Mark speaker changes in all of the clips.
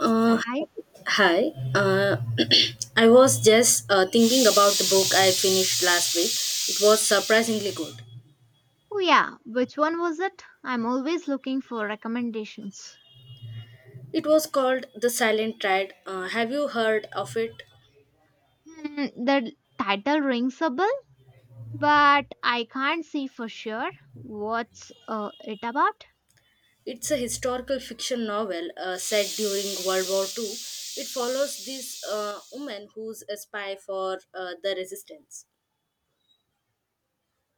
Speaker 1: Uh,
Speaker 2: I?
Speaker 1: Hi. I was just thinking about the book I finished last week. It was surprisingly good.
Speaker 2: Oh, yeah. Which one was it? I'm always looking for recommendations.
Speaker 1: It was called The Silent Tide. Have you heard of it?
Speaker 2: Hmm, the title rings a bell, but I can't see for sure what's it about.
Speaker 1: It's a historical fiction novel set during World War Two. It follows this woman who's a spy for the resistance.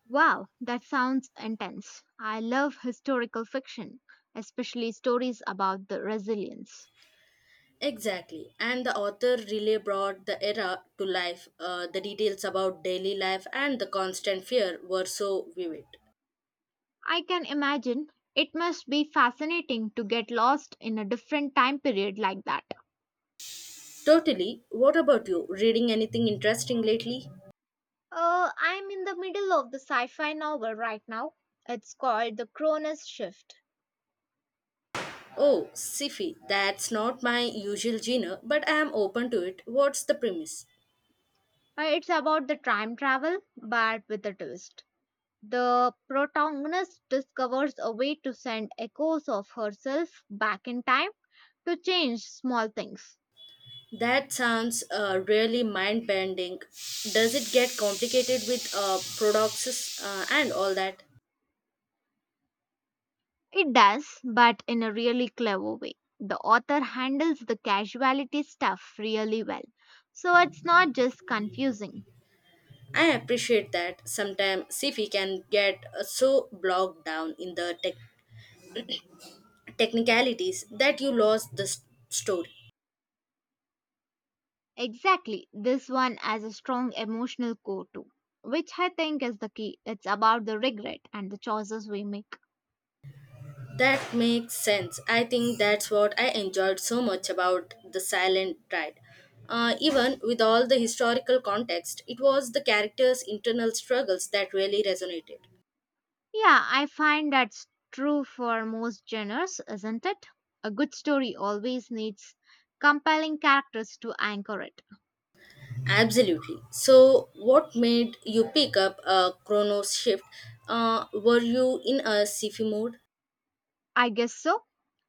Speaker 2: Wow, that sounds intense. I love historical fiction, especially stories about the resilience.
Speaker 1: Exactly. And the author really brought the era to life. The details about daily life and the constant fear were so vivid.
Speaker 2: I can imagine it must be fascinating to get lost in a different time period like that.
Speaker 1: Totally. What about you? Reading anything interesting lately?
Speaker 2: I'm in the middle of the sci fi novel right now. It's called The Cronus Shift.
Speaker 1: Oh, sci-fi. That's not my usual genre, but I am open to it. What's the premise?
Speaker 2: It's about the time travel, but with a twist. The protagonist discovers a way to send echoes of herself back in time to change small things.
Speaker 1: That sounds really mind-bending. Does it get complicated with paradoxes and all that?
Speaker 2: It does, but in a really clever way. The author handles the casualty stuff really well, so it's not just confusing.
Speaker 1: I appreciate that. Sometimes sci-fi can get so bogged down in the technicalities that you lost the story.
Speaker 2: Exactly. This one has a strong emotional core too, which I think is the key. It's about the regret and the choices we make.
Speaker 1: That makes sense. I think that's what I enjoyed so much about The Silent Ride. Even with all the historical context, it was the characters' internal struggles that really resonated.
Speaker 2: Yeah, I find that's true for most genres, isn't it? A good story always needs compelling characters to anchor it.
Speaker 1: Absolutely. So, what made you pick up a Chronos shift? Were you in a sci-fi mode?
Speaker 2: I guess so.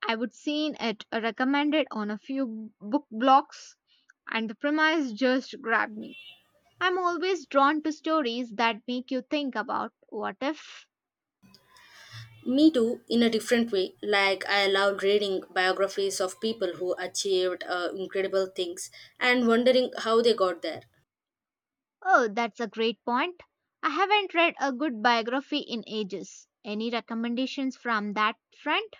Speaker 2: I would seen it recommended on a few book blogs and the premise just grabbed me. I'm always drawn to stories that make you think about what if.
Speaker 1: Me too, in a different way. Like, I loved reading biographies of people who achieved incredible things and wondering how they got there.
Speaker 2: Oh, that's a great point. I haven't read a good biography in ages. Any recommendations from that front?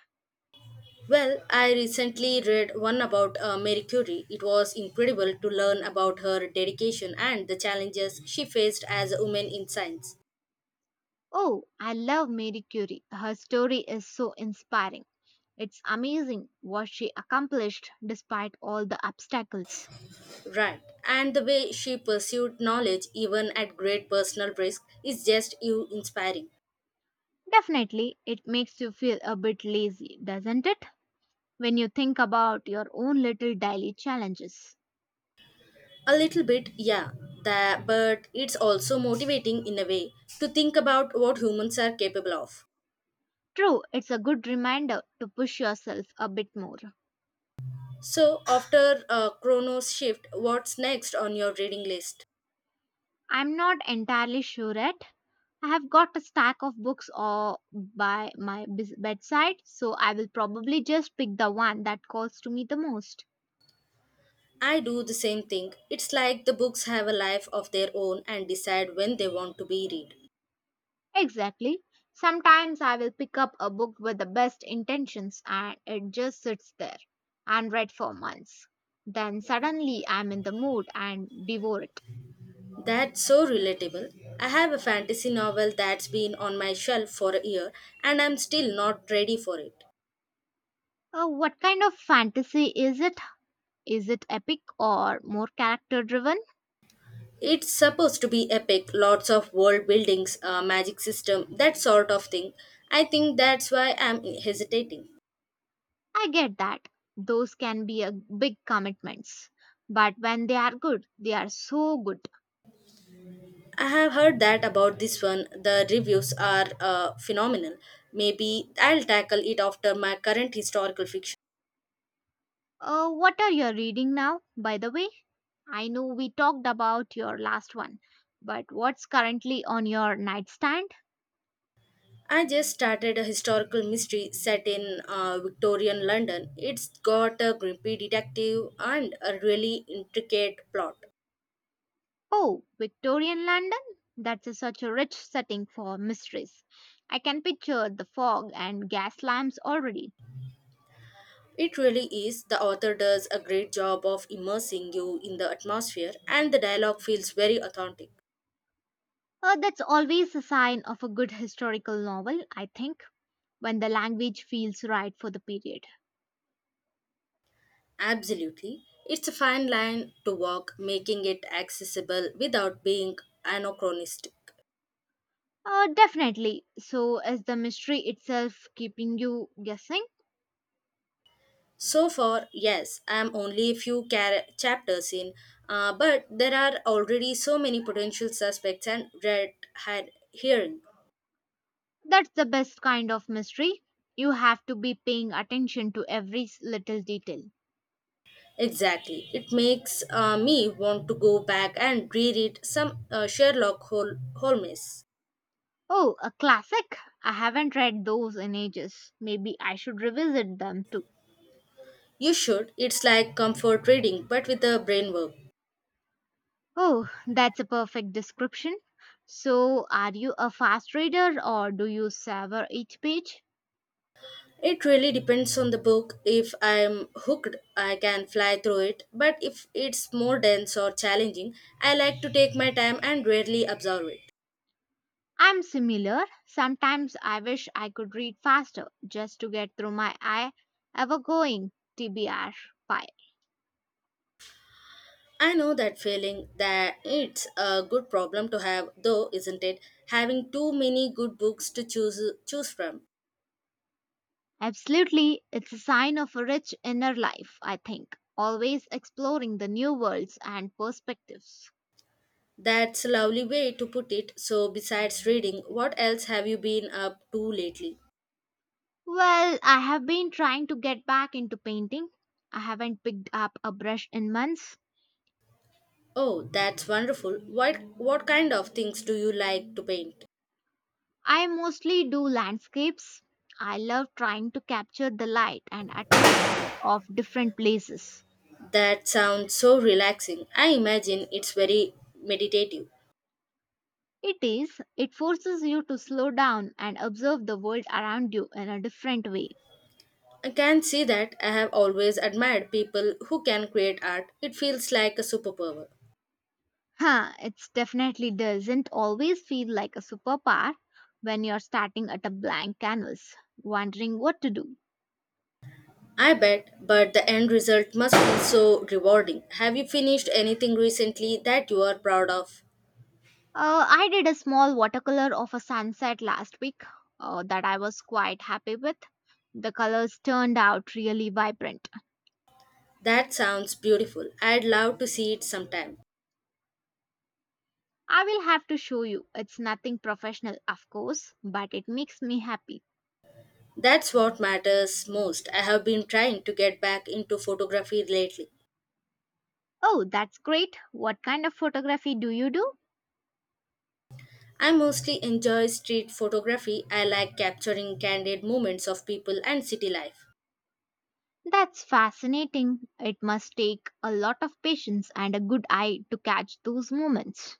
Speaker 1: Well, I recently read one about Marie Curie. It was incredible to learn about her dedication and the challenges she faced as a woman in science.
Speaker 2: Oh, I love Marie Curie. Her story is so inspiring. It's amazing what she accomplished despite all the obstacles.
Speaker 1: Right. And the way she pursued knowledge, even at great personal risk, is just you inspiring.
Speaker 2: Definitely, it makes you feel a bit lazy, doesn't it? When you think about your own little daily challenges.
Speaker 1: A little bit, yeah, that, but it's also motivating in a way to think about what humans are capable of.
Speaker 2: True, it's a good reminder to push yourself a bit more.
Speaker 1: So, after Chronos shift, what's next on your reading list?
Speaker 2: I'm not entirely sure yet. I have got a stack of books all by my bedside, so I will probably just pick the one that calls to me the most.
Speaker 1: I do the same thing. It's like the books have a life of their own and decide when they want to be read.
Speaker 2: Exactly. Sometimes I will pick up a book with the best intentions and it just sits there unread for months. Then suddenly I'm in the mood and devour it.
Speaker 1: That's so relatable. I have a fantasy novel that's been on my shelf for a year and I'm still not ready for it.
Speaker 2: What kind of fantasy is it? Is it epic or more character driven?
Speaker 1: It's supposed to be epic, lots of world buildings, a magic system, that sort of thing. I think that's why I'm hesitating.
Speaker 2: I get that those can be a big commitments, but when they are good, they are so good.
Speaker 1: I have heard that about this one. The reviews are phenomenal. Maybe I'll tackle it after my current historical fiction.
Speaker 2: What are you reading now, by the way? I know we talked about your last one, but what's currently on your nightstand?
Speaker 1: I just started a historical mystery set in Victorian London. It's got a grippy detective and a really intricate plot.
Speaker 2: Oh, Victorian London? Such a rich setting for mysteries. I can picture the fog and gas lamps already.
Speaker 1: It really is. The author does a great job of immersing you in the atmosphere, and the dialogue feels very authentic.
Speaker 2: That's always a sign of a good historical novel, I think, when the language feels right for the period.
Speaker 1: Absolutely. It's a fine line to walk, making it accessible without being anachronistic.
Speaker 2: Definitely. So, is the mystery itself keeping you guessing?
Speaker 1: So far, yes, I am only a few chapters in, but there are already so many potential suspects and red had hearing.
Speaker 2: That's the best kind of mystery. You have to be paying attention to every little detail.
Speaker 1: Exactly. It makes me want to go back and reread some Sherlock Holmes.
Speaker 2: Oh, a classic? I haven't read those in ages. Maybe I should revisit them too.
Speaker 1: You should. It's like comfort reading, but with the brain work.
Speaker 2: Oh, that's a perfect description. So, are you a fast reader or do you savor each page?
Speaker 1: It really depends on the book. If I'm hooked, I can fly through it, but if it's more dense or challenging, I like to take my time and rarely absorb it.
Speaker 2: I'm similar. Sometimes I wish I could read faster just to get through my eye ever going TBR pile.
Speaker 1: I know that feeling, that it's a good problem to have, though, isn't it? Having too many good books to choose from.
Speaker 2: Absolutely, it's a sign of a rich inner life, I think. Always exploring the new worlds and perspectives.
Speaker 1: That's a lovely way to put it. So, besides reading, what else have you been up to lately?
Speaker 2: Well, I have been trying to get back into painting. I haven't picked up a brush in months.
Speaker 1: Oh, that's wonderful. What kind of things do you like to paint?
Speaker 2: I mostly do landscapes. I love trying to capture the light and atmosphere of different places.
Speaker 1: That sounds so relaxing. I imagine it's very meditative.
Speaker 2: It is, it forces you to slow down and observe the world around you in a different way.
Speaker 1: I can see that. I have always admired people who can create art. It feels like a superpower.
Speaker 2: Huh, it definitely doesn't always feel like a superpower when you're starting at a blank canvas, wondering what to do.
Speaker 1: I bet, but the end result must be so rewarding. Have you finished anything recently that you are proud of?
Speaker 2: I did a small watercolor of a sunset last week that I was quite happy with. The colors turned out really vibrant.
Speaker 1: That sounds beautiful. I'd love to see it sometime.
Speaker 2: I will have to show you. It's nothing professional, of course, but it makes me happy.
Speaker 1: That's what matters most. I have been trying to get back into photography lately.
Speaker 2: Oh, that's great. What kind of photography do you do?
Speaker 1: I mostly enjoy street photography. I like capturing candid moments of people and city life.
Speaker 2: That's fascinating. It must take a lot of patience and a good eye to catch those moments.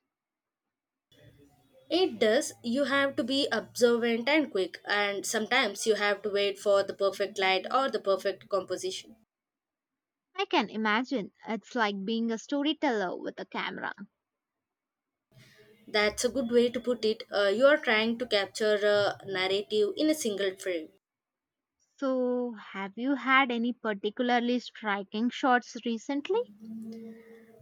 Speaker 1: It does. You have to be observant and quick, and sometimes you have to wait for the perfect light or the perfect composition.
Speaker 2: I can imagine. It's like being a storyteller with a camera.
Speaker 1: That's a good way to put it. You are trying to capture a narrative in a single frame.
Speaker 2: So, have you had any particularly striking shots recently?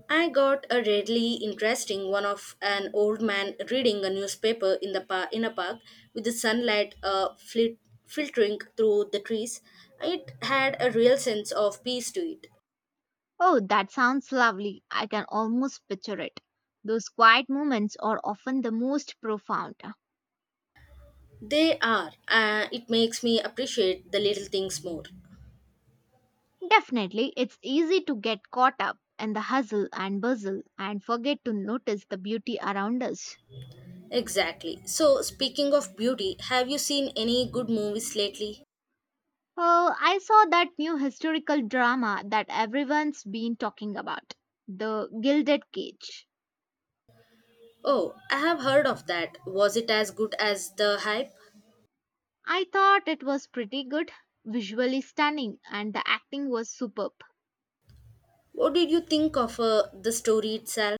Speaker 1: I got a really interesting one of an old man reading a newspaper in the in a park with the sunlight filtering through the trees. It had a real sense of peace to it.
Speaker 2: Oh, that sounds lovely. I can almost picture it. Those quiet moments are often the most profound.
Speaker 1: They are. It makes me appreciate the little things more.
Speaker 2: Definitely, it's easy to get caught up in the hustle and bustle and forget to notice the beauty around us.
Speaker 1: Exactly. So, speaking of beauty, have you seen any good movies lately?
Speaker 2: Oh, I saw that new historical drama that everyone's been talking about, The Gilded Cage.
Speaker 1: Oh, I have heard of that. Was it as good as the hype?
Speaker 2: I thought it was pretty good, visually stunning, and the acting was superb.
Speaker 1: What did you think of the story itself?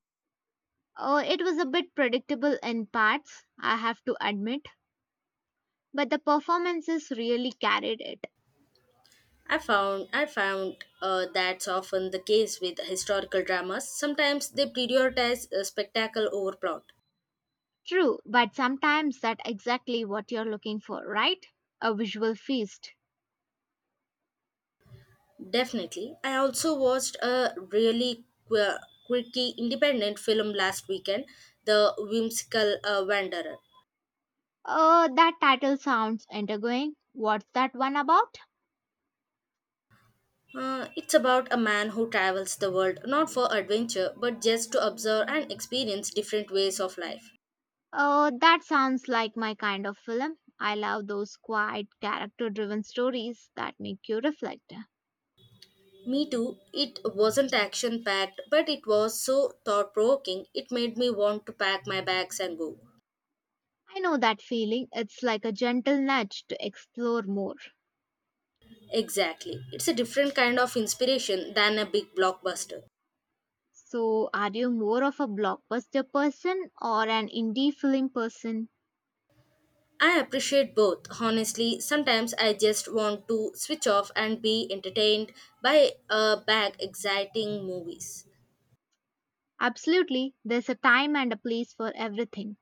Speaker 2: Oh, it was a bit predictable in parts, I have to admit, but the performances really carried it.
Speaker 1: I found that's often the case with historical dramas. Sometimes they prioritize spectacle over plot.
Speaker 2: True, but sometimes that's exactly what you're looking for, right? A visual feast.
Speaker 1: Definitely. I also watched a really quirky independent film last weekend, The Whimsical Wanderer.
Speaker 2: That title sounds intriguing. What's that one about?
Speaker 1: It's about a man who travels the world not for adventure but just to observe and experience different ways of life.
Speaker 2: That sounds like my kind of film. I love those quiet, character driven stories that make you reflect.
Speaker 1: Me too. It wasn't action packed, but it was so thought provoking, it made me want to pack my bags and go.
Speaker 2: I know that feeling. It's like a gentle nudge to explore more.
Speaker 1: Exactly. It's a different kind of inspiration than a big blockbuster.
Speaker 2: So, are you more of a blockbuster person or an indie film person?
Speaker 1: I appreciate both. Honestly, sometimes I just want to switch off and be entertained by a bag exciting movies.
Speaker 2: Absolutely, there's a time and a place for everything.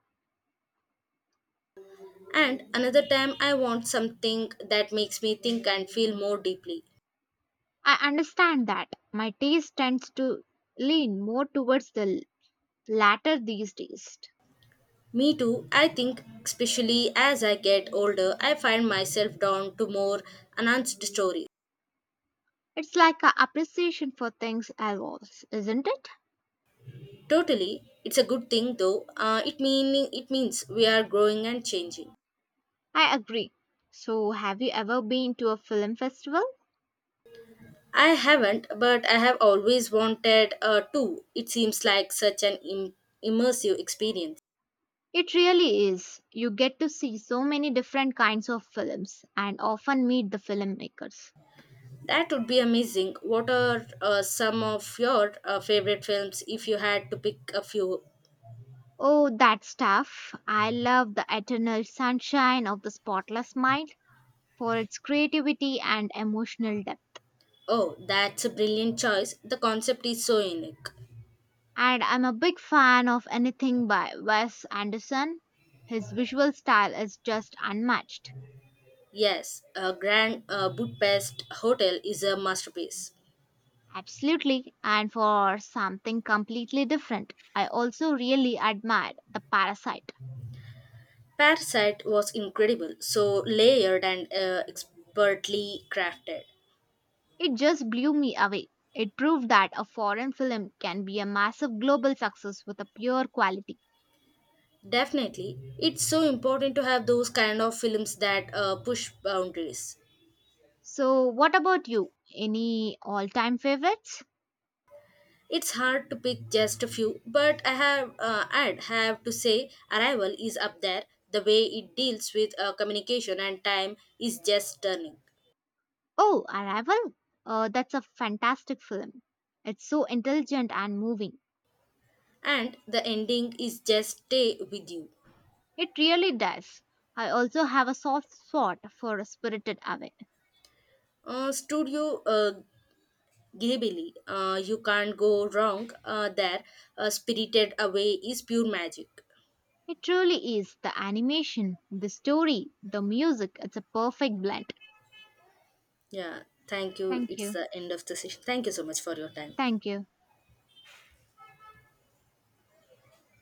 Speaker 1: And another time I want something that makes me think and feel more deeply.
Speaker 2: I understand that. My taste tends to lean more towards the latter these days.
Speaker 1: Me too. I think, especially as I get older, I find myself drawn to more announced stories.
Speaker 2: It's like an appreciation for things I was, isn't it?
Speaker 1: Totally, it's a good thing though. It meaning it means we are growing and changing.
Speaker 2: I agree. So, have you ever been to a film festival?
Speaker 1: I haven't, but I have always wanted to. It seems like such an immersive experience.
Speaker 2: It really is. You get to see so many different kinds of films and often meet the filmmakers.
Speaker 1: That would be amazing. What are some of your favorite films if you had to pick a few?
Speaker 2: Oh, that stuff. I love the eternal sunshine of the spotless mind for its creativity and emotional depth.
Speaker 1: Oh, that's a brilliant choice. The concept is so unique.
Speaker 2: And I'm a big fan of anything by Wes Anderson. His visual style is just unmatched.
Speaker 1: Yes, a Grand Budapest Hotel is a masterpiece.
Speaker 2: Absolutely. And for something completely different, I also really admired The Parasite.
Speaker 1: Parasite was incredible, so layered and expertly crafted.
Speaker 2: It just blew me away. It proved that a foreign film can be a massive global success with a pure quality.
Speaker 1: Definitely, it's so important to have those kind of films that push boundaries.
Speaker 2: So, what about you? Any all time favorites?
Speaker 1: It's hard to pick just a few, but I'd have to say Arrival is up there. The way it deals with communication and time is just stunning,
Speaker 2: Oh, Arrival? That's a fantastic film. It's so intelligent and moving.
Speaker 1: and the ending is just stay with you.
Speaker 2: It really does. I also have a soft spot for Spirited Away.
Speaker 1: Studio Ghibli. You can't go wrong there. Spirited Away is pure magic.
Speaker 2: It truly is the animation, the story, the music. It's a perfect blend.
Speaker 1: Yeah, thank you.
Speaker 2: Thank
Speaker 1: It's
Speaker 2: you.
Speaker 1: the end of the session. Thank you so much for your time.
Speaker 2: Thank you.